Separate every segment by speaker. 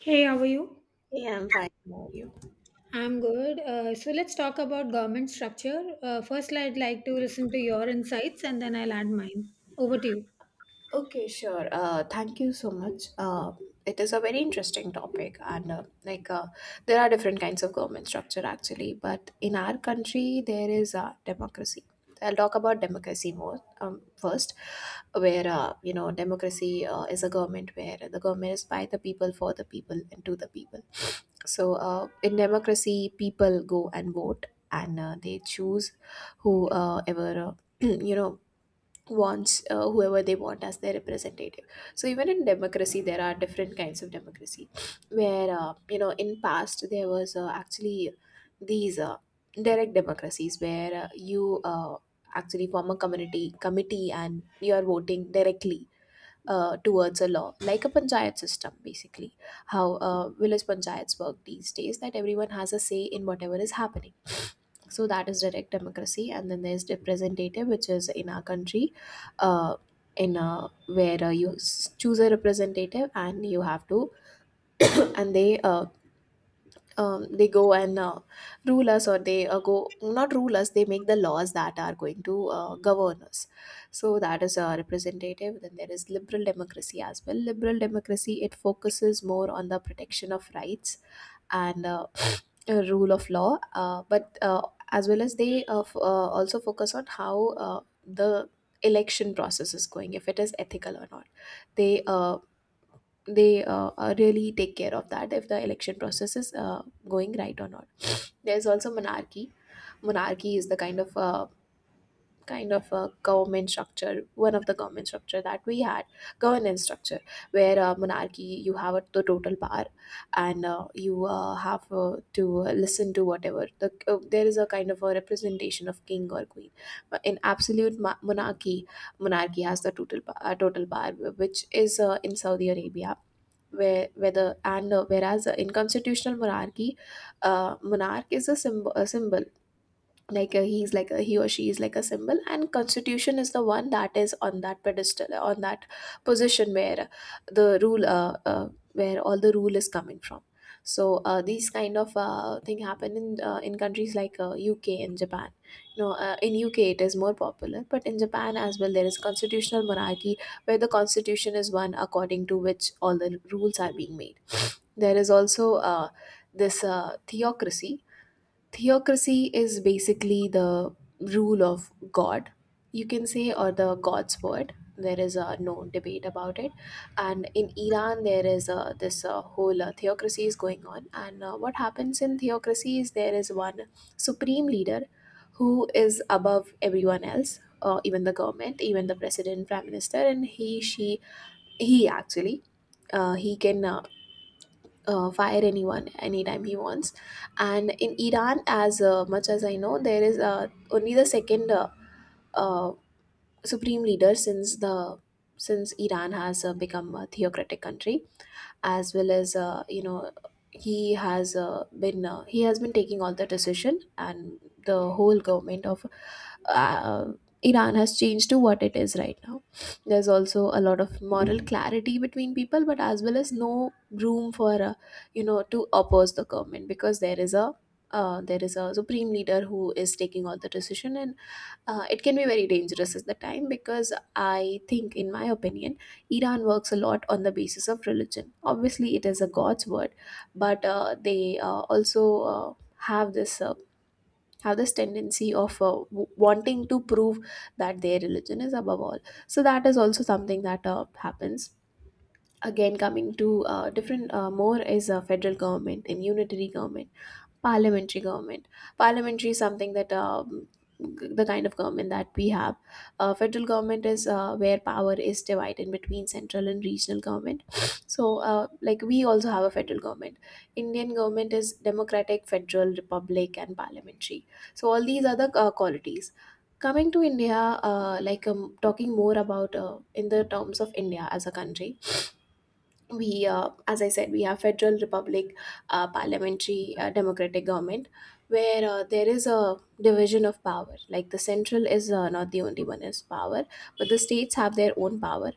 Speaker 1: Hey, how are you?
Speaker 2: Yeah, I'm fine. How are you?
Speaker 1: I'm good. So let's talk about government structure. First, I'd like to listen to your insights and then I'll add mine. Over to you.
Speaker 2: Okay, sure. Thank you so much. It is a very interesting topic, and there are different kinds of government structure actually, but in our country there is democracy. I'll talk about democracy more first, where you know, democracy is a government where the government is by the people, for the people, and to the people. So in democracy, people go and vote, and they choose whoever ever you know, wants whoever they want as their representative. So even in democracy there are different kinds of democracy, where you know, in past there was actually these direct democracies, where you actually form a community committee and you are voting directly towards a law, like a panchayat system, basically how village panchayats work these days, that everyone has a say in whatever is happening. So that is direct democracy, and then there's representative, which is in our country. uh, in a, where you choose a representative and you have to and they go and rule us, or they go, not rule us, they make the laws that are going to govern us. So that is a representative. Then there is liberal democracy as well. Liberal democracy, it focuses more on the protection of rights and rule of law, but as well as also focus on how the election process is going, if it is ethical or not. They uh, they Really take care of that, if the election process is going right or not. There is also monarchy. Monarchy is the kind of a government structure, one of the government structure that we had, governance structure, where monarchy, you have a, the total power, and you have to listen to whatever the there is a kind of a representation of king or queen. But in absolute monarchy, monarchy has the total total power, which is in Saudi Arabia, where whether and whereas in constitutional monarchy, monarch is a symbol, a symbol, like he's like a, he or she is like a symbol, and constitution is the one that is on that pedestal, on that position, where the rule where all the rule is coming from. So these kind of thing happen in countries like UK and Japan. You know, in UK it is more popular, but in Japan as well there is constitutional monarchy, where the constitution is one according to which all the rules are being made. There is also this theocracy. Theocracy is basically the rule of god, you can say, or the god's word, there is no debate about it. And in Iran there is this whole theocracy is going on, and what happens in theocracy is there is one supreme leader who is above everyone else, even the government, even the president, prime minister. And he, she, he actually he can fire anyone, anytime he wants. And in Iran, as much as I know, there is only the second uh, supreme leader since the, since Iran has become a theocratic country. As well as you know, he has been taking all the decision, and the whole government of uh, Iran has changed to what it is right now. There's also a lot of moral clarity between people, but as well as no room for you know, to oppose the government, because there is a supreme leader who is taking all the decision, and it can be very dangerous at the time, because I think, in my opinion, Iran works a lot on the basis of religion. Obviously, it is a God's word, but they also have this uh, have this tendency of wanting to prove that their religion is above all. So that is also something that happens. Again, coming to different more is a federal government and unitary government, parliamentary government. Parliamentary is something that the kind of government that we have. Federal government is where power is divided between central and regional government. So like, we also have a federal government. Indian government is democratic federal republic and parliamentary, so all these other qualities. Coming to India, talking more about in the terms of India as a country, we as I said, we have federal republic, parliamentary democratic government, where there is a division of power, like the central is not the only one is power, but the states have their own power.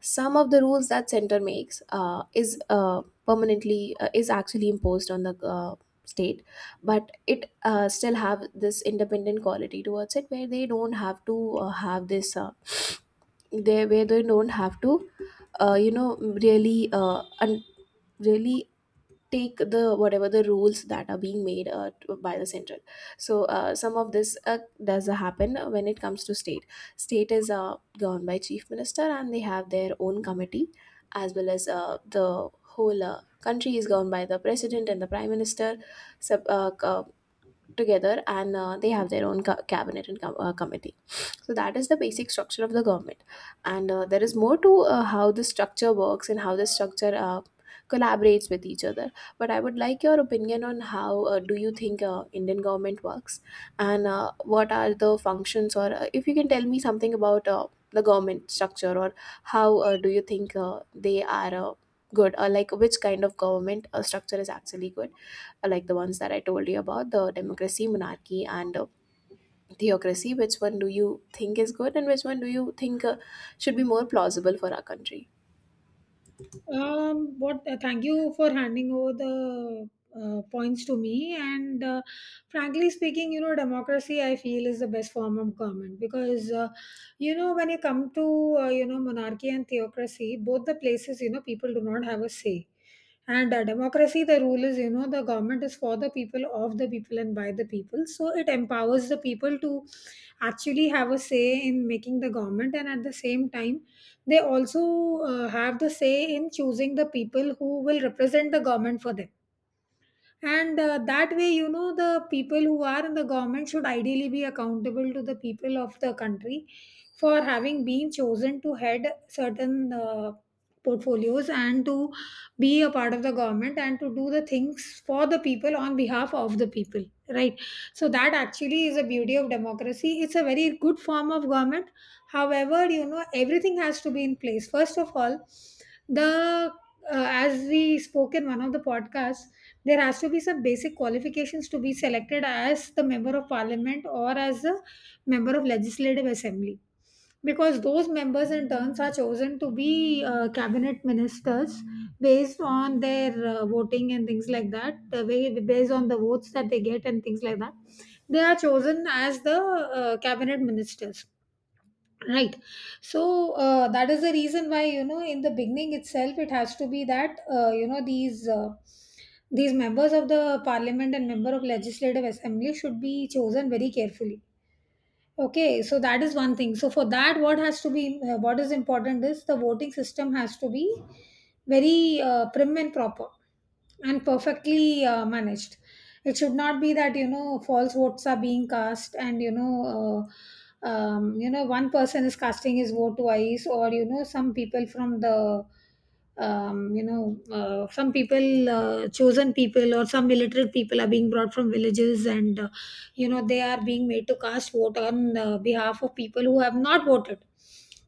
Speaker 2: Some of the rules that center makes is permanently is actually imposed on the state, but it still have this independent quality towards it, where they don't have to have this they where they don't have to you know, really take the whatever the rules that are being made by the central. So some of this does happen when it comes to state. State is governed by chief minister and they have their own committee, as well as the whole country is governed by the president and the prime minister, sub, uh, co- together, and they have their own cabinet and committee. So that is the basic structure of the government, and there is more to how the structure works and how the structure collaborates with each other. But I would like your opinion on how do you think Indian government works, and what are the functions, or if you can tell me something about the government structure, or how do you think they are good, or like which kind of government structure is actually good, like the ones that I told you about: the democracy, monarchy, and theocracy. Which one do you think is good, and which one do you think should be more plausible for our country?
Speaker 1: What? Thank you for handing over the points to me. And frankly speaking, you know, democracy I feel is the best form of government because you know, when you come to you know, monarchy and theocracy, both the places, you know, people do not have a say. And democracy, the rule is, you know, the government is for the people, of the people, and by the people, so it empowers the people to actually have a say in making the government, and at the same time they also have the say in choosing the people who will represent the government for them. And that way, you know, the people who are in the government should ideally be accountable to the people of the country for having been chosen to head certain portfolios, and to be a part of the government, and to do the things for the people on behalf of the people, right? So that actually is a beauty of democracy. It's a very good form of government. However, you know, everything has to be in place. First of all, the as we spoke in one of the podcasts, there has to be some basic qualifications to be selected as the member of parliament or as a member of legislative assembly, because those members in turns are chosen to be cabinet ministers based on their voting and things like that, the way, based on the votes that they get and things like that, they are chosen as the cabinet ministers, right? So that is the reason why, you know, in the beginning itself it has to be that you know, these members of the parliament and member of legislative assembly should be chosen very carefully. Okay, so that is one thing. So for that, what has to be what is important is the voting system has to be very prim and proper and perfectly managed. It should not be that, you know, false votes are being cast, and you know, you know, one person is casting his vote twice, or you know, some people from the you know, some people, chosen people or some illiterate people, are being brought from villages and you know, they are being made to cast vote on behalf of people who have not voted.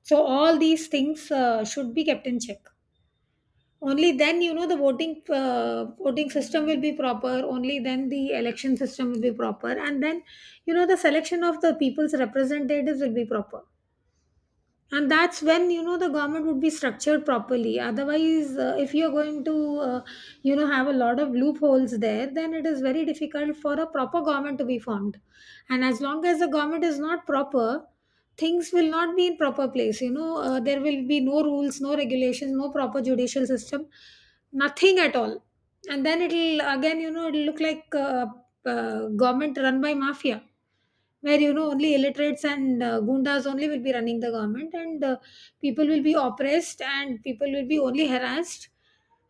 Speaker 1: So all these things should be kept in check. Only then, you know, the voting system will be proper. Only then the election system will be proper, and then, you know, the selection of the people's representatives will be proper, and that's when, you know, the government would be structured properly. Otherwise, if you're going to uh, you know, have a lot of loopholes there, then it is very difficult for a proper government to be formed. And as long as the government is not proper, things will not be in proper place. You know, there will be no rules, no regulations, no proper judicial system, nothing at all. And then it'll again, you know, it'll look like government run by mafia, where you know only illiterates and gundas only will be running the government, and people will be oppressed and people will be only harassed.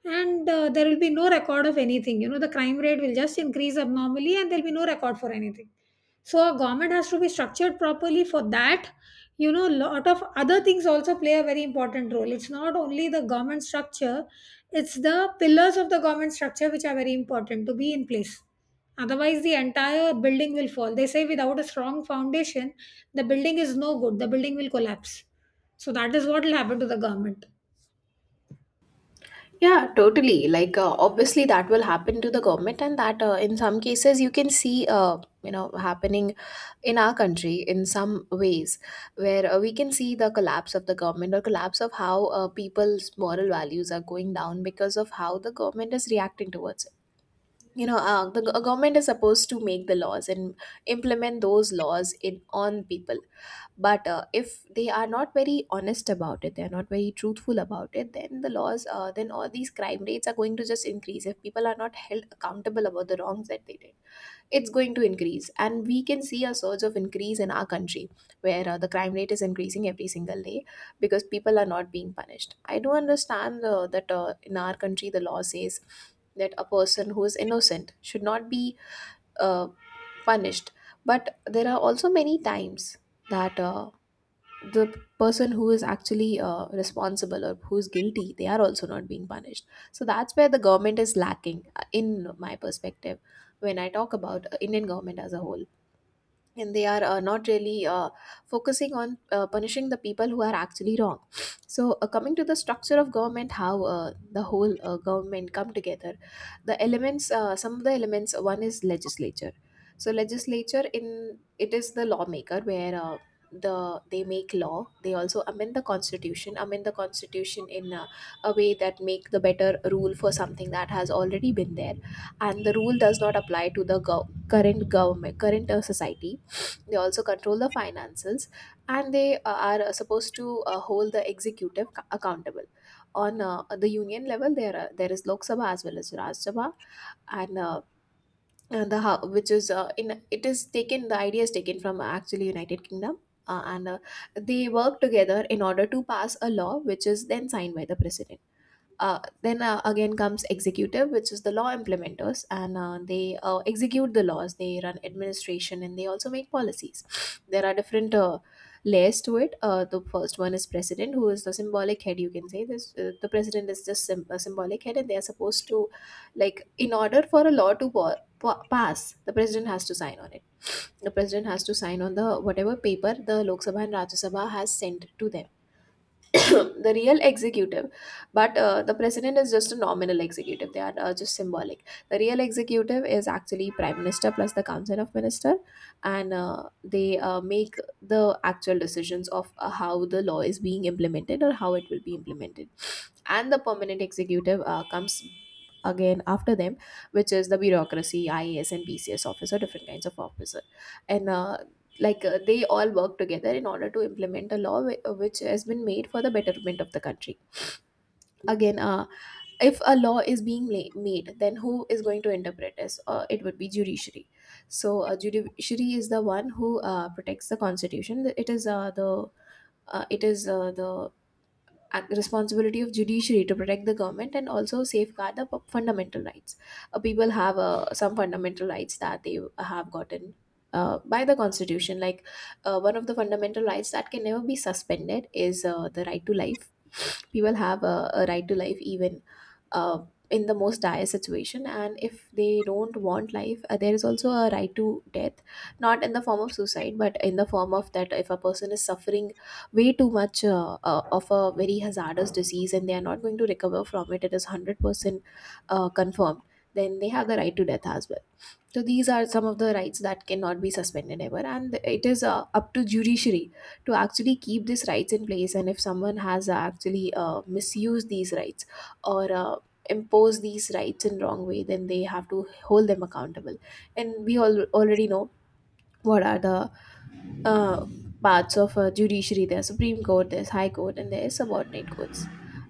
Speaker 1: And there will be no record of anything. You know, the crime rate will just increase abnormally, and there will be no record for anything. So a government has to be structured properly. For that, you know, lot of other things also play a very important role. It's not only the government structure, it's the pillars of the government structure which are very important to be in place. Otherwise the entire building will fall. They say without a strong foundation, the building is no good, the building will collapse. So that is what will happen to the government.
Speaker 2: Yeah, totally, like obviously that will happen to the government, and that in some cases you can see you know, happening in our country in some ways, where we can see the collapse of the government or collapse of how people's moral values are going down because of how the government is reacting towards it. You know, government is supposed to make the laws and implement those laws in on people. But if they are not very honest about it, they are not very truthful about it, then the laws then all these crime rates are going to just increase. If people are not held accountable about the wrongs that they did, it's going to increase, and we can see a surge of increase in our country, where the crime rate is increasing every single day, because people are not being punished. I do understand that in our country the law says that a person who is innocent should not be uh, punished. But there are also many times that the person who is actually responsible or who is guilty, they are also not being punished. So that's where the government is lacking, in my perspective, when I talk about Indian government as a whole, and they are not really focusing on punishing the people who are actually wrong. So coming to the structure of government, how the whole government come together, the elements, some of the elements: one is legislature. So legislature, in it, is the lawmaker, where the they make law, they also amend the constitution, amend the constitution in a way that make the better rule for something that has already been there and the rule does not apply to the current government, current society. They also control the finances, and they are supposed to hold the executive accountable. On the union level, there is Lok Sabha as well as Raj Sabha, and uh, and the which is in it is taken, the idea is taken from actually United Kingdom. And They work together in order to pass a law, which is then signed by the president. Then Again comes executive, which is the law implementers, and they execute the laws, they run Administration, and they also make policies. There are different layers to it. The first one is president, who is the symbolic head, you can say this. The president is just a symbolic head, and they are supposed to, like, in order for a law to pass, the president has to sign on it. The president has to sign on the whatever paper the Lok Sabha and Rajya Sabha has sent to them. The real executive, but the president is just a nominal executive, they are just symbolic. The real executive is actually prime minister plus the council of minister, and they make the actual decisions of how the law is being implemented or how it will be implemented. And the permanent executive comes again after them, which is the bureaucracy, IAS and BCS officer, different kinds of officer. And they all work together in order to implement a law which has been made for the betterment of the country. Again If a law is being made, then who is going to interpret this? It would be judiciary. So judiciary is the one who protects the constitution. It is the it is the ac- responsibility of judiciary to protect the government and also safeguard the fundamental rights. People have some fundamental rights that they have gotten by the constitution. Like, one of the fundamental rights that can never be suspended is the right to life. People have a right to life, even uh, in the most dire situation, and if they don't want life, there is also a right to death, not in the form of suicide, but in the form of that if a person is suffering way too much of a very hazardous disease, and they are not going to recover from it, it is 100% confirmed, then they have the right to death as well. So these are some of the rights that cannot be suspended ever, and it is up to judiciary to actually keep these rights in place, and if someone has actually misused these rights, or impose these rights in wrong way, then they have to hold them accountable. And we all already know what are the uh, parts of judiciary. There's supreme court, there's high court, and there's subordinate courts.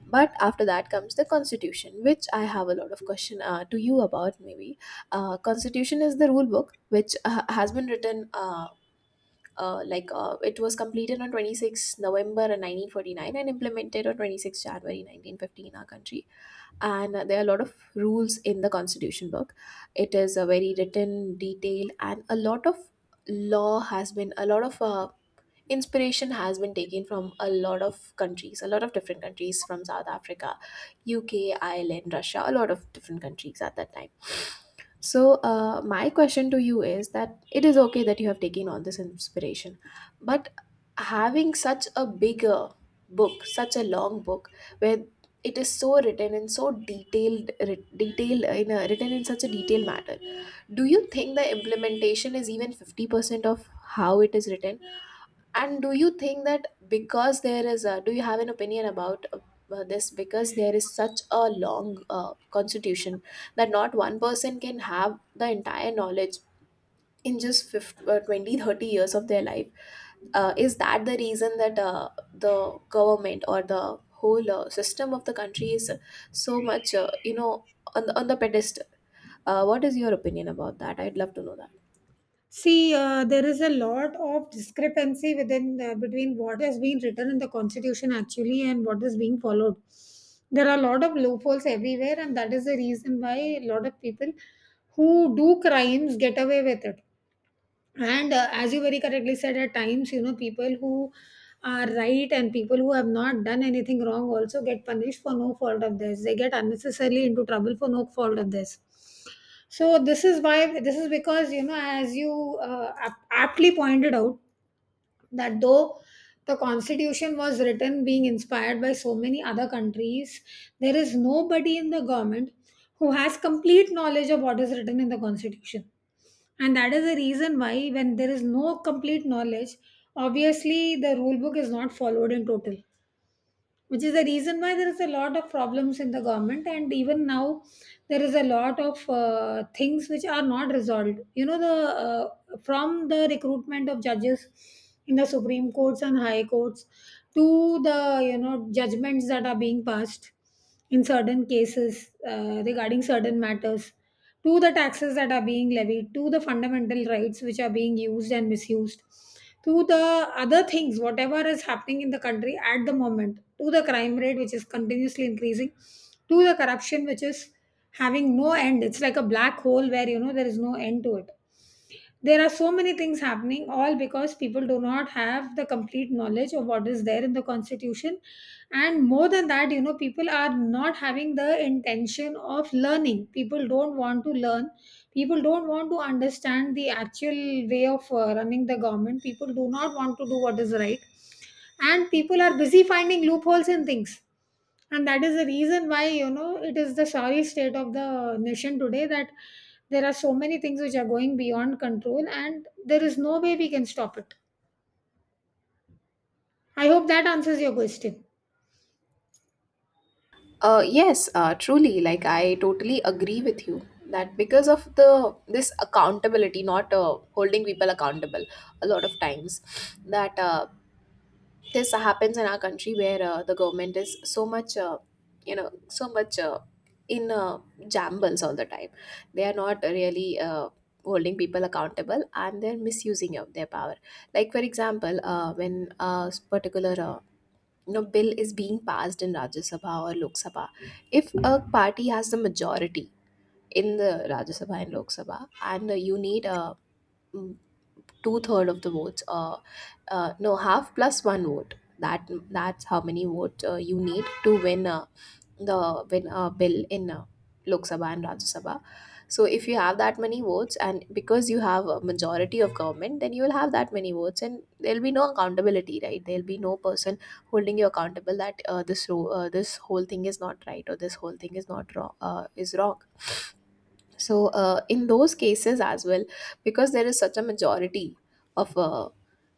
Speaker 2: But after that comes the constitution, which I have a lot of question to you about. Maybe constitution is the rule book which has been written, like, it was completed on 26th november 1949 and implemented on 26th january 1950 in our country. And there are a lot of rules in the constitution book. It is a very written detailed, and a lot of law has been, a lot of inspiration has been taken from a lot of countries, a lot of different countries, from South Africa, UK, Ireland, Russia, a lot of different countries at that time. So my question to you is that, it is okay that you have taken all this inspiration, but having such a bigger book, such a long book, where it is so written and so detailed, detailed in written in such a detailed manner, do you think the implementation is even 50% of how it is written? And do you think that, because there is do you have an opinion about this? Because there is such a long constitution that not one person can have the entire knowledge in just 50, 20, 30 years of their life. Is that the reason that the government or the whole system of the country is so much, you know, on the pedestal? What is your opinion about that? I'd love to know that.
Speaker 1: See, there is a lot of discrepancy within, between what has been written in the constitution actually and what is being followed. There are a lot of loopholes everywhere, and that is the reason why a lot of people who do crimes get away with it. And as you very correctly said, at times, you know, people who are right and people who have not done anything wrong also get punished for no fault of theirs. They get unnecessarily into trouble for no fault of theirs. So this is why, this is because, you know, as you aptly pointed out that, though the constitution was written being inspired by so many other countries, there is nobody in the government who has complete knowledge of what is written in the constitution. And that is the reason why, when there is no complete knowledge, obviously the rule book is not followed in total, which is the reason why there is a lot of problems in the government. And even now there is a lot of things which are not resolved. You know, the from the recruitment of judges in the supreme courts and high courts, to the, you know, judgments that are being passed in certain cases, regarding certain matters, to the taxes that are being levied, to the fundamental rights which are being used and misused, to the other things, whatever is happening in the country at the moment, to the crime rate which is continuously increasing, to the corruption which is having no end. It's like a black hole where, you know, there is no end to it. There are so many things happening, all because people do not have the complete knowledge of what is there in the constitution. And more than that, you know, people are not having the intention of learning. People don't want to learn, people don't want to understand the actual way of running the government. People do not want to do what is right, and people are busy finding loopholes in things. And that is the reason why, you know, it is the sorry state of the nation today, that there are so many things which are going beyond control and there is no way we can stop it. I hope that answers your question.
Speaker 2: Yes, truly. Like, I totally agree with you that, because of the this accountability, not holding people accountable, a lot of times, that this happens in our country, where the government is so much, you know, so much in jambles all the time. They are not really. Holding people accountable, and they're misusing of their power, like for example, when a particular no bill is being passed in Rajya Sabha or Lok Sabha, if a party has the majority in the Rajya Sabha and Lok Sabha, and you need a, mm, two third of the votes. No, half plus one vote. That's how many votes you need to win the win a bill in Lok Sabha and Rajya Sabha. So if you have that many votes, and because you have a majority of government, then you will have that many votes, and there'll be no accountability, right? There'll be no person holding you accountable that this whole thing is not right, or this whole thing is not wrong is wrong. So, in those cases as well, because there is such a majority of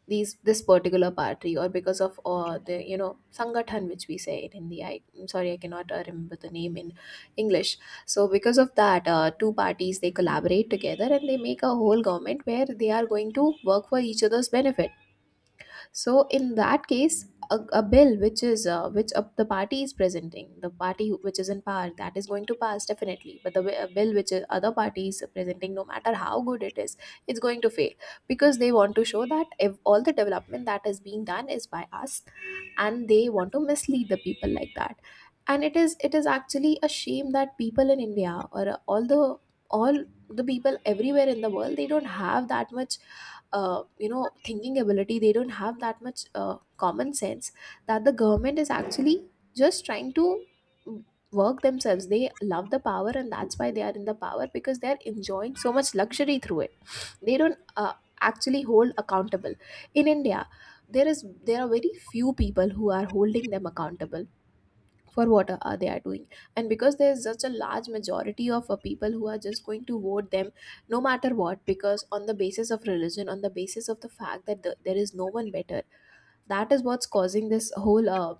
Speaker 2: these this particular party, or because of the, you know, sangathan, which we say it in the, I'm sorry, I cannot remember the name in English. So, because of that, two parties, they collaborate together and they make a whole government where they are going to work for each other's benefit. So in that case, a bill which is which the party is presenting, the party which is in power, that is going to pass definitely. But the bill which other parties are presenting, no matter how good it is, it's going to fail, because they want to show that if all the development that is being done is by us, and they want to mislead the people like that. And it is actually a shame that people in India, or all the, all the people everywhere in the world, they don't have that much, you know, thinking ability. They don't have that much common sense that the government is actually just trying to work themselves. They love the power, and that's why they are in the power, because they're enjoying so much luxury through it. They don't actually hold accountable. In India, there are very few people who are holding them accountable for what are they are doing. And because there is such a large majority of people who are just going to vote them no matter what, because on the basis of religion, on the basis of the fact that there is no one better, that is what's causing this whole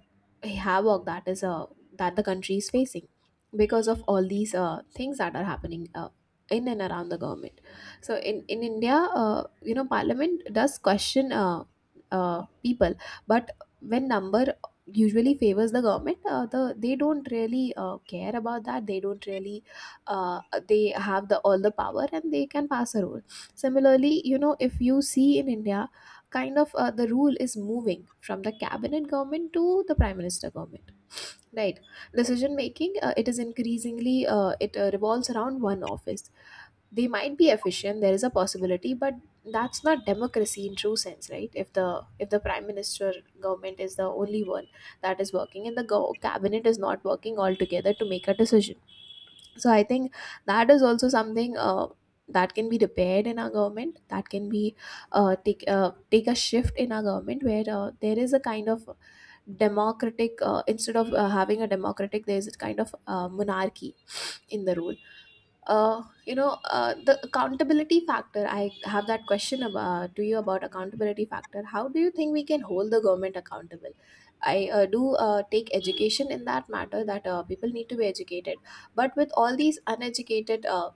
Speaker 2: havoc that is that the country is facing because of all these things that are happening in and around the government. So in India, you know, parliament does question people, but when number usually favors the government, they don't really care about that. They don't really, uh, they have the all the power and they can pass a rule. Similarly, you know, if you see in India, kind of the rule is moving from the cabinet government to the prime minister government, right? Decision making, it is increasingly it revolves around one office. They might be efficient, there is a possibility, but that's not democracy in true sense, right? If the, if the prime minister government is the only one that is working, and the cabinet is not working altogether to make a decision. So I think that is also something that can be repaired in our government. That can be, take a shift in our government where there is a kind of democratic, instead of having a democratic, there is a kind of monarchy in the rule. You know, the accountability factor, I have that question about, to you about accountability factor. How do you think we can hold the government accountable? I do take education in that matter, that people need to be educated. But with all these uneducated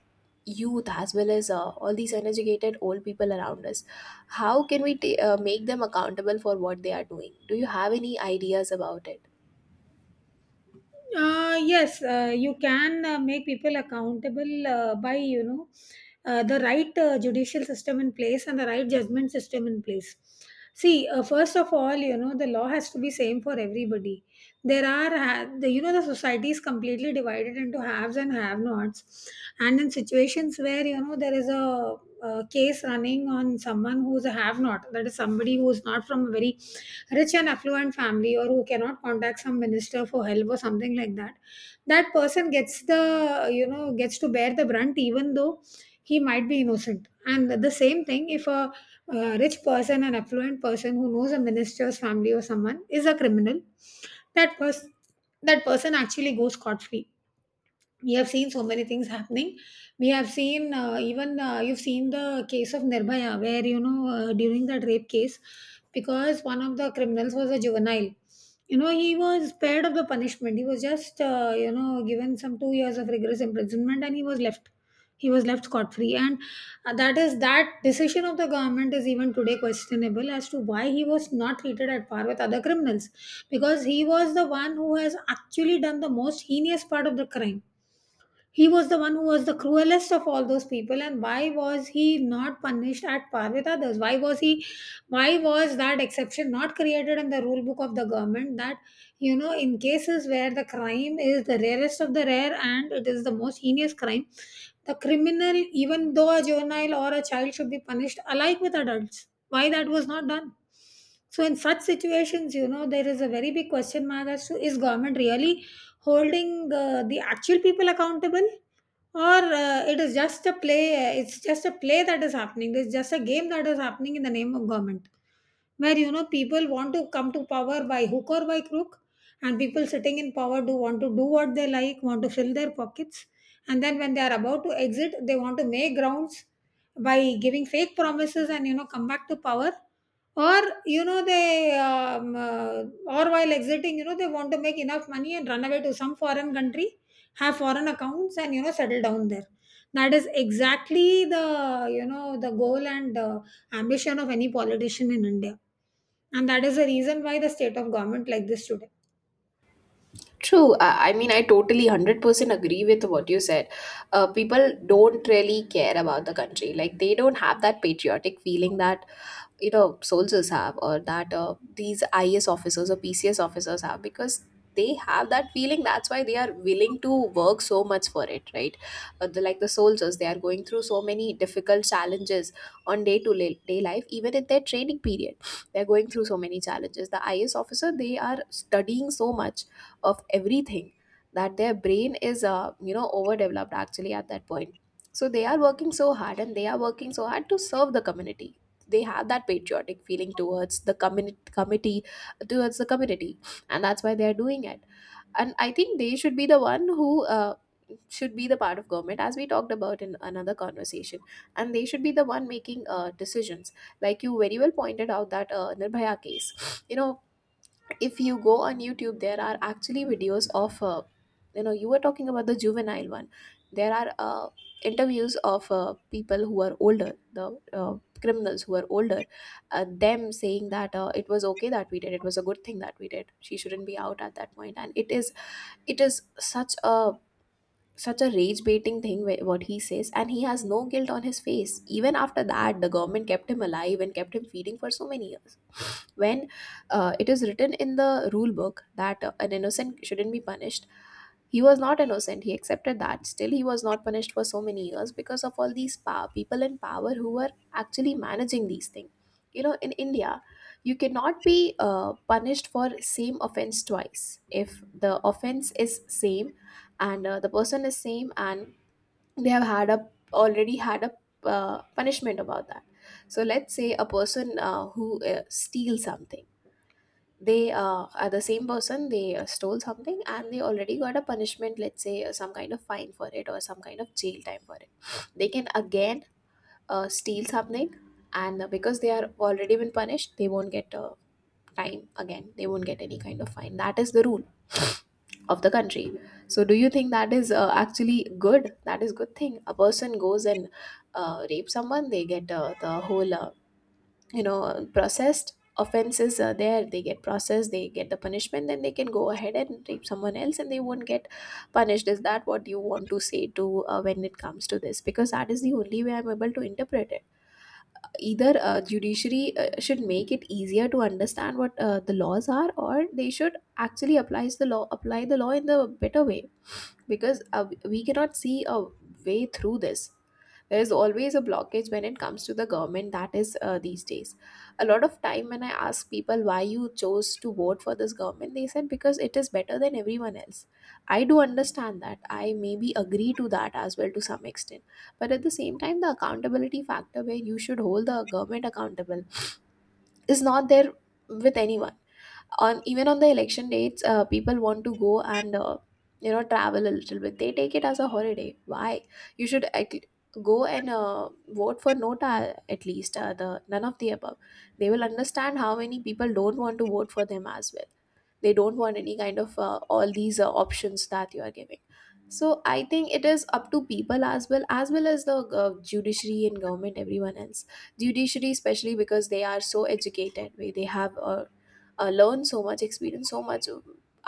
Speaker 2: youth, as well as all these uneducated old people around us, how can we make them accountable for what they are doing? Do you have any ideas about it?
Speaker 1: Yes, you can make people accountable by, you know, the right judicial system in place and the right judgment system in place. See, first of all, you know, the law has to be same for everybody. There are the, you know, the society is completely divided into haves and have-nots, and in situations where, you know, there is a case running on someone who's a have-not, that is somebody who is not from a very rich and affluent family or who cannot contact some minister for help or something like that, that person gets the, you know, gets to bear the brunt, even though he might be innocent. And the same thing, if a, uh, rich person, an affluent person who knows a minister's family or someone, is a criminal, that person that person actually goes scot free. We have seen so many things happening. We have seen even you've seen the case of Nirbhaya, where, you know, during that rape case, because one of the criminals was a juvenile, you know, he was spared of the punishment. He was just you know, given some 2 years of rigorous imprisonment, and he was left. He was left scot free. And that is, that decision of the government is even today questionable as to why he was not treated at par with other criminals, because he was the one who has actually done the most heinous part of the crime. He was the one who was the cruelest of all those people, and why was he not punished at par with others? Why was that exception not created in the rule book of the government, that, you know, in cases where the crime is the rarest of the rare and it is the most heinous crime, the criminal, even though a juvenile or a child, should be punished alike with adults. Why that was not done? So in such situations, you know, there is a very big question mark as to is government really holding the actual people accountable or it is just a play, that is happening, it's just a game that is happening in the name of government, where you know people want to come to power by hook or by crook, and people sitting in power do want to do what they like, want to fill their pockets. And then when they are about to exit, they want to make grounds by giving fake promises and you know come back to power, or you know they um, uh, or while exiting you know they want to make enough money and run away to some foreign country, have foreign accounts and you know settle down there. That is exactly the you know the goal and ambition of any politician in India, and that is the reason why the state of government like this today.
Speaker 2: True. I mean, I totally 100% agree with what you said. People don't really care about the country. Like, they don't have that patriotic feeling that soldiers have, or that these IS officers or PCS officers have, because they have that feeling. That's why they are willing to work so much for it, right? Like the soldiers, they are going through so many difficult challenges on day life, even in their training period. They're going through so many challenges. The IS officer, they are studying so much of everything that their brain is overdeveloped, actually, at that point. So they are working so hard, and they are working so hard to serve the community. They have that patriotic feeling towards the committee, towards the community, and that's why they are doing it. And I think they should be the one who should be the part of government, as we talked about in another conversation. And they should be the one making decisions. Like you very well pointed out, that Nirbhaya case, you know. If you go on YouTube, there are actually videos of you were talking about the juvenile one. There are interviews of people who are older, the uh, criminals who are older, them saying that it was okay that we did, it was a good thing that we did, she shouldn't be out at that point. And it is, it is such a, such a rage baiting thing what he says, and he has no guilt on his face. Even after that, the government kept him alive and kept him feeding for so many years, when it is written in the rule book that an innocent shouldn't be punished. He was not innocent, he accepted that, still he was not punished for so many years because of all these power, people in power who were actually managing these things. You know, in India, you cannot be punished for same offense twice if the offense is same and the person is same, and they have had a, already had a punishment about that. So let's say a person who steals something, they are the same person, they stole something and they already got a punishment, let's say some kind of fine for it or some kind of jail time for it. They can again steal something, and because they are already been punished, they won't get time again, they won't get any kind of fine. That is the rule of the country. So do you think that is actually good, that is good thing, a person goes and rape someone, they get the whole you know processed offenses are there, they get processed, they get the punishment, then they can go ahead and rape someone else and they won't get punished? Is that what you want to say to when it comes to this? Because that is the only way I'm able to interpret it. Either judiciary should make it easier to understand what the laws are, or they should actually applies the law, apply the law in the better way. Because we cannot see a way through this. There is always a blockage when it comes to the government, that is these days. A lot of time when I ask people why you chose to vote for this government, they said because it is better than everyone else. I do understand that, I maybe agree to that as well to some extent, but at the same time, the accountability factor where you should hold the government accountable is not there with anyone. On, even on the election dates, people want to go and travel a little bit, they take it as a holiday. Why? You should at, go and vote for NOTA, at least, the none of the above. They will understand how many people don't want to vote for them as well. They don't want any kind of all these options that you are giving. So I think it is up to people as well, as well as the judiciary and government, everyone else. Judiciary especially, because they are so educated, where they have learned so much, experience so much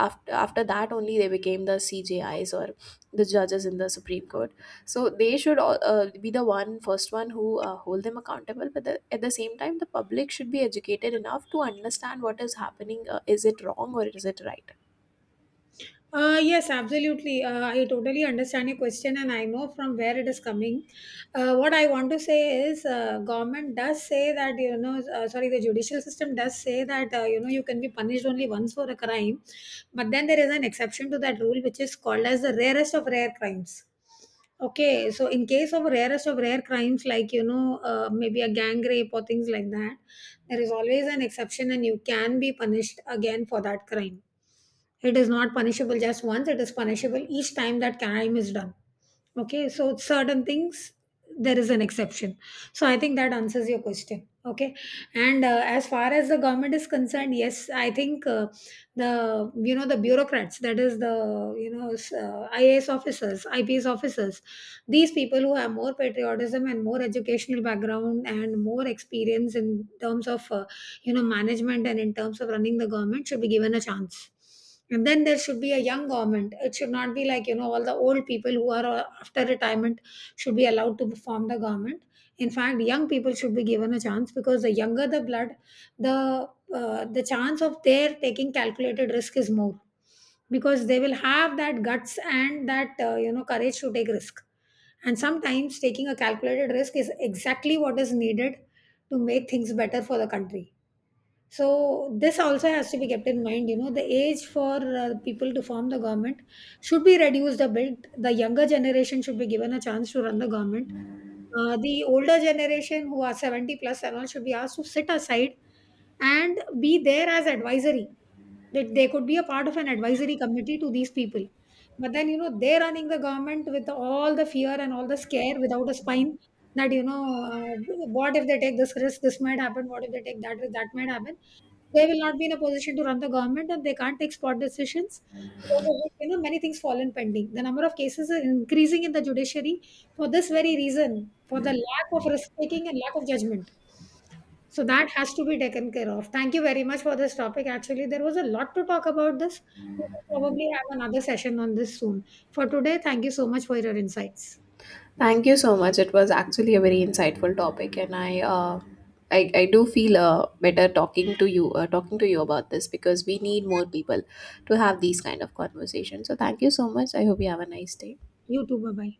Speaker 2: after, after that only they became the CJIs or the judges in the Supreme Court. So they should all, be the one, first one, who hold them accountable. But the, at the same time, the public should be educated enough to understand what is happening, is it wrong or is it right.
Speaker 1: Yes, absolutely. I totally understand your question, and I know from where it is coming. What I want to say is, government does say that you know, sorry, the judicial system does say that you know you can be punished only once for a crime, but then there is an exception to that rule, which is called as the rarest of rare crimes. Okay, so in case of rarest of rare crimes, like you know, maybe a gang rape or things like that, there is always an exception, and you can be punished again for that crime. It is not punishable just once, it is punishable each time that crime is done. Okay, so certain things there is an exception. So I think that answers your question. Okay, and as far as the government is concerned, yes, I think the you know the bureaucrats, that is the you know IAS officers, IPS officers, these people who have more patriotism and more educational background and more experience in terms of you know, management and in terms of running the government should be given a chance. And then there should be a young government. It should not be like, you know, all the old people who are after retirement should be allowed to form the government. In fact, young people should be given a chance because the younger the blood, the the chance of their taking calculated risk is more, because they will have that guts and that you know courage to take risk, and sometimes taking a calculated risk is exactly what is needed to make things better for the country. So this also has to be kept in mind. You know, the age for people to form the government should be reduced a bit. The younger generation should be given a chance to run the government. The older generation, who are 70 plus and all, should be asked to sit aside and be there as advisory. That they could be a part of an advisory committee to these people. But then you know they're running the government with all the fear and all the scare without a spine. That you know, what if they take this risk? This might happen. What if they take that risk? That might happen. They will not be in a position to run the government, and they can't take spot decisions, because of which, you know, many things fall in pending. The number of cases are increasing in the judiciary for this very reason, for the lack of risk taking and lack of judgment. So that has to be taken care of. Thank you very much for this topic. Actually, there was a lot to talk about this. We will probably have another session on this soon. For today, thank you so much for your insights.
Speaker 2: Thank you so much, it was actually a very insightful topic, and I do feel better talking to you about this, because we need more people to have these kind of conversations. So thank you so much, I hope you have a nice day.
Speaker 1: You too. Bye bye.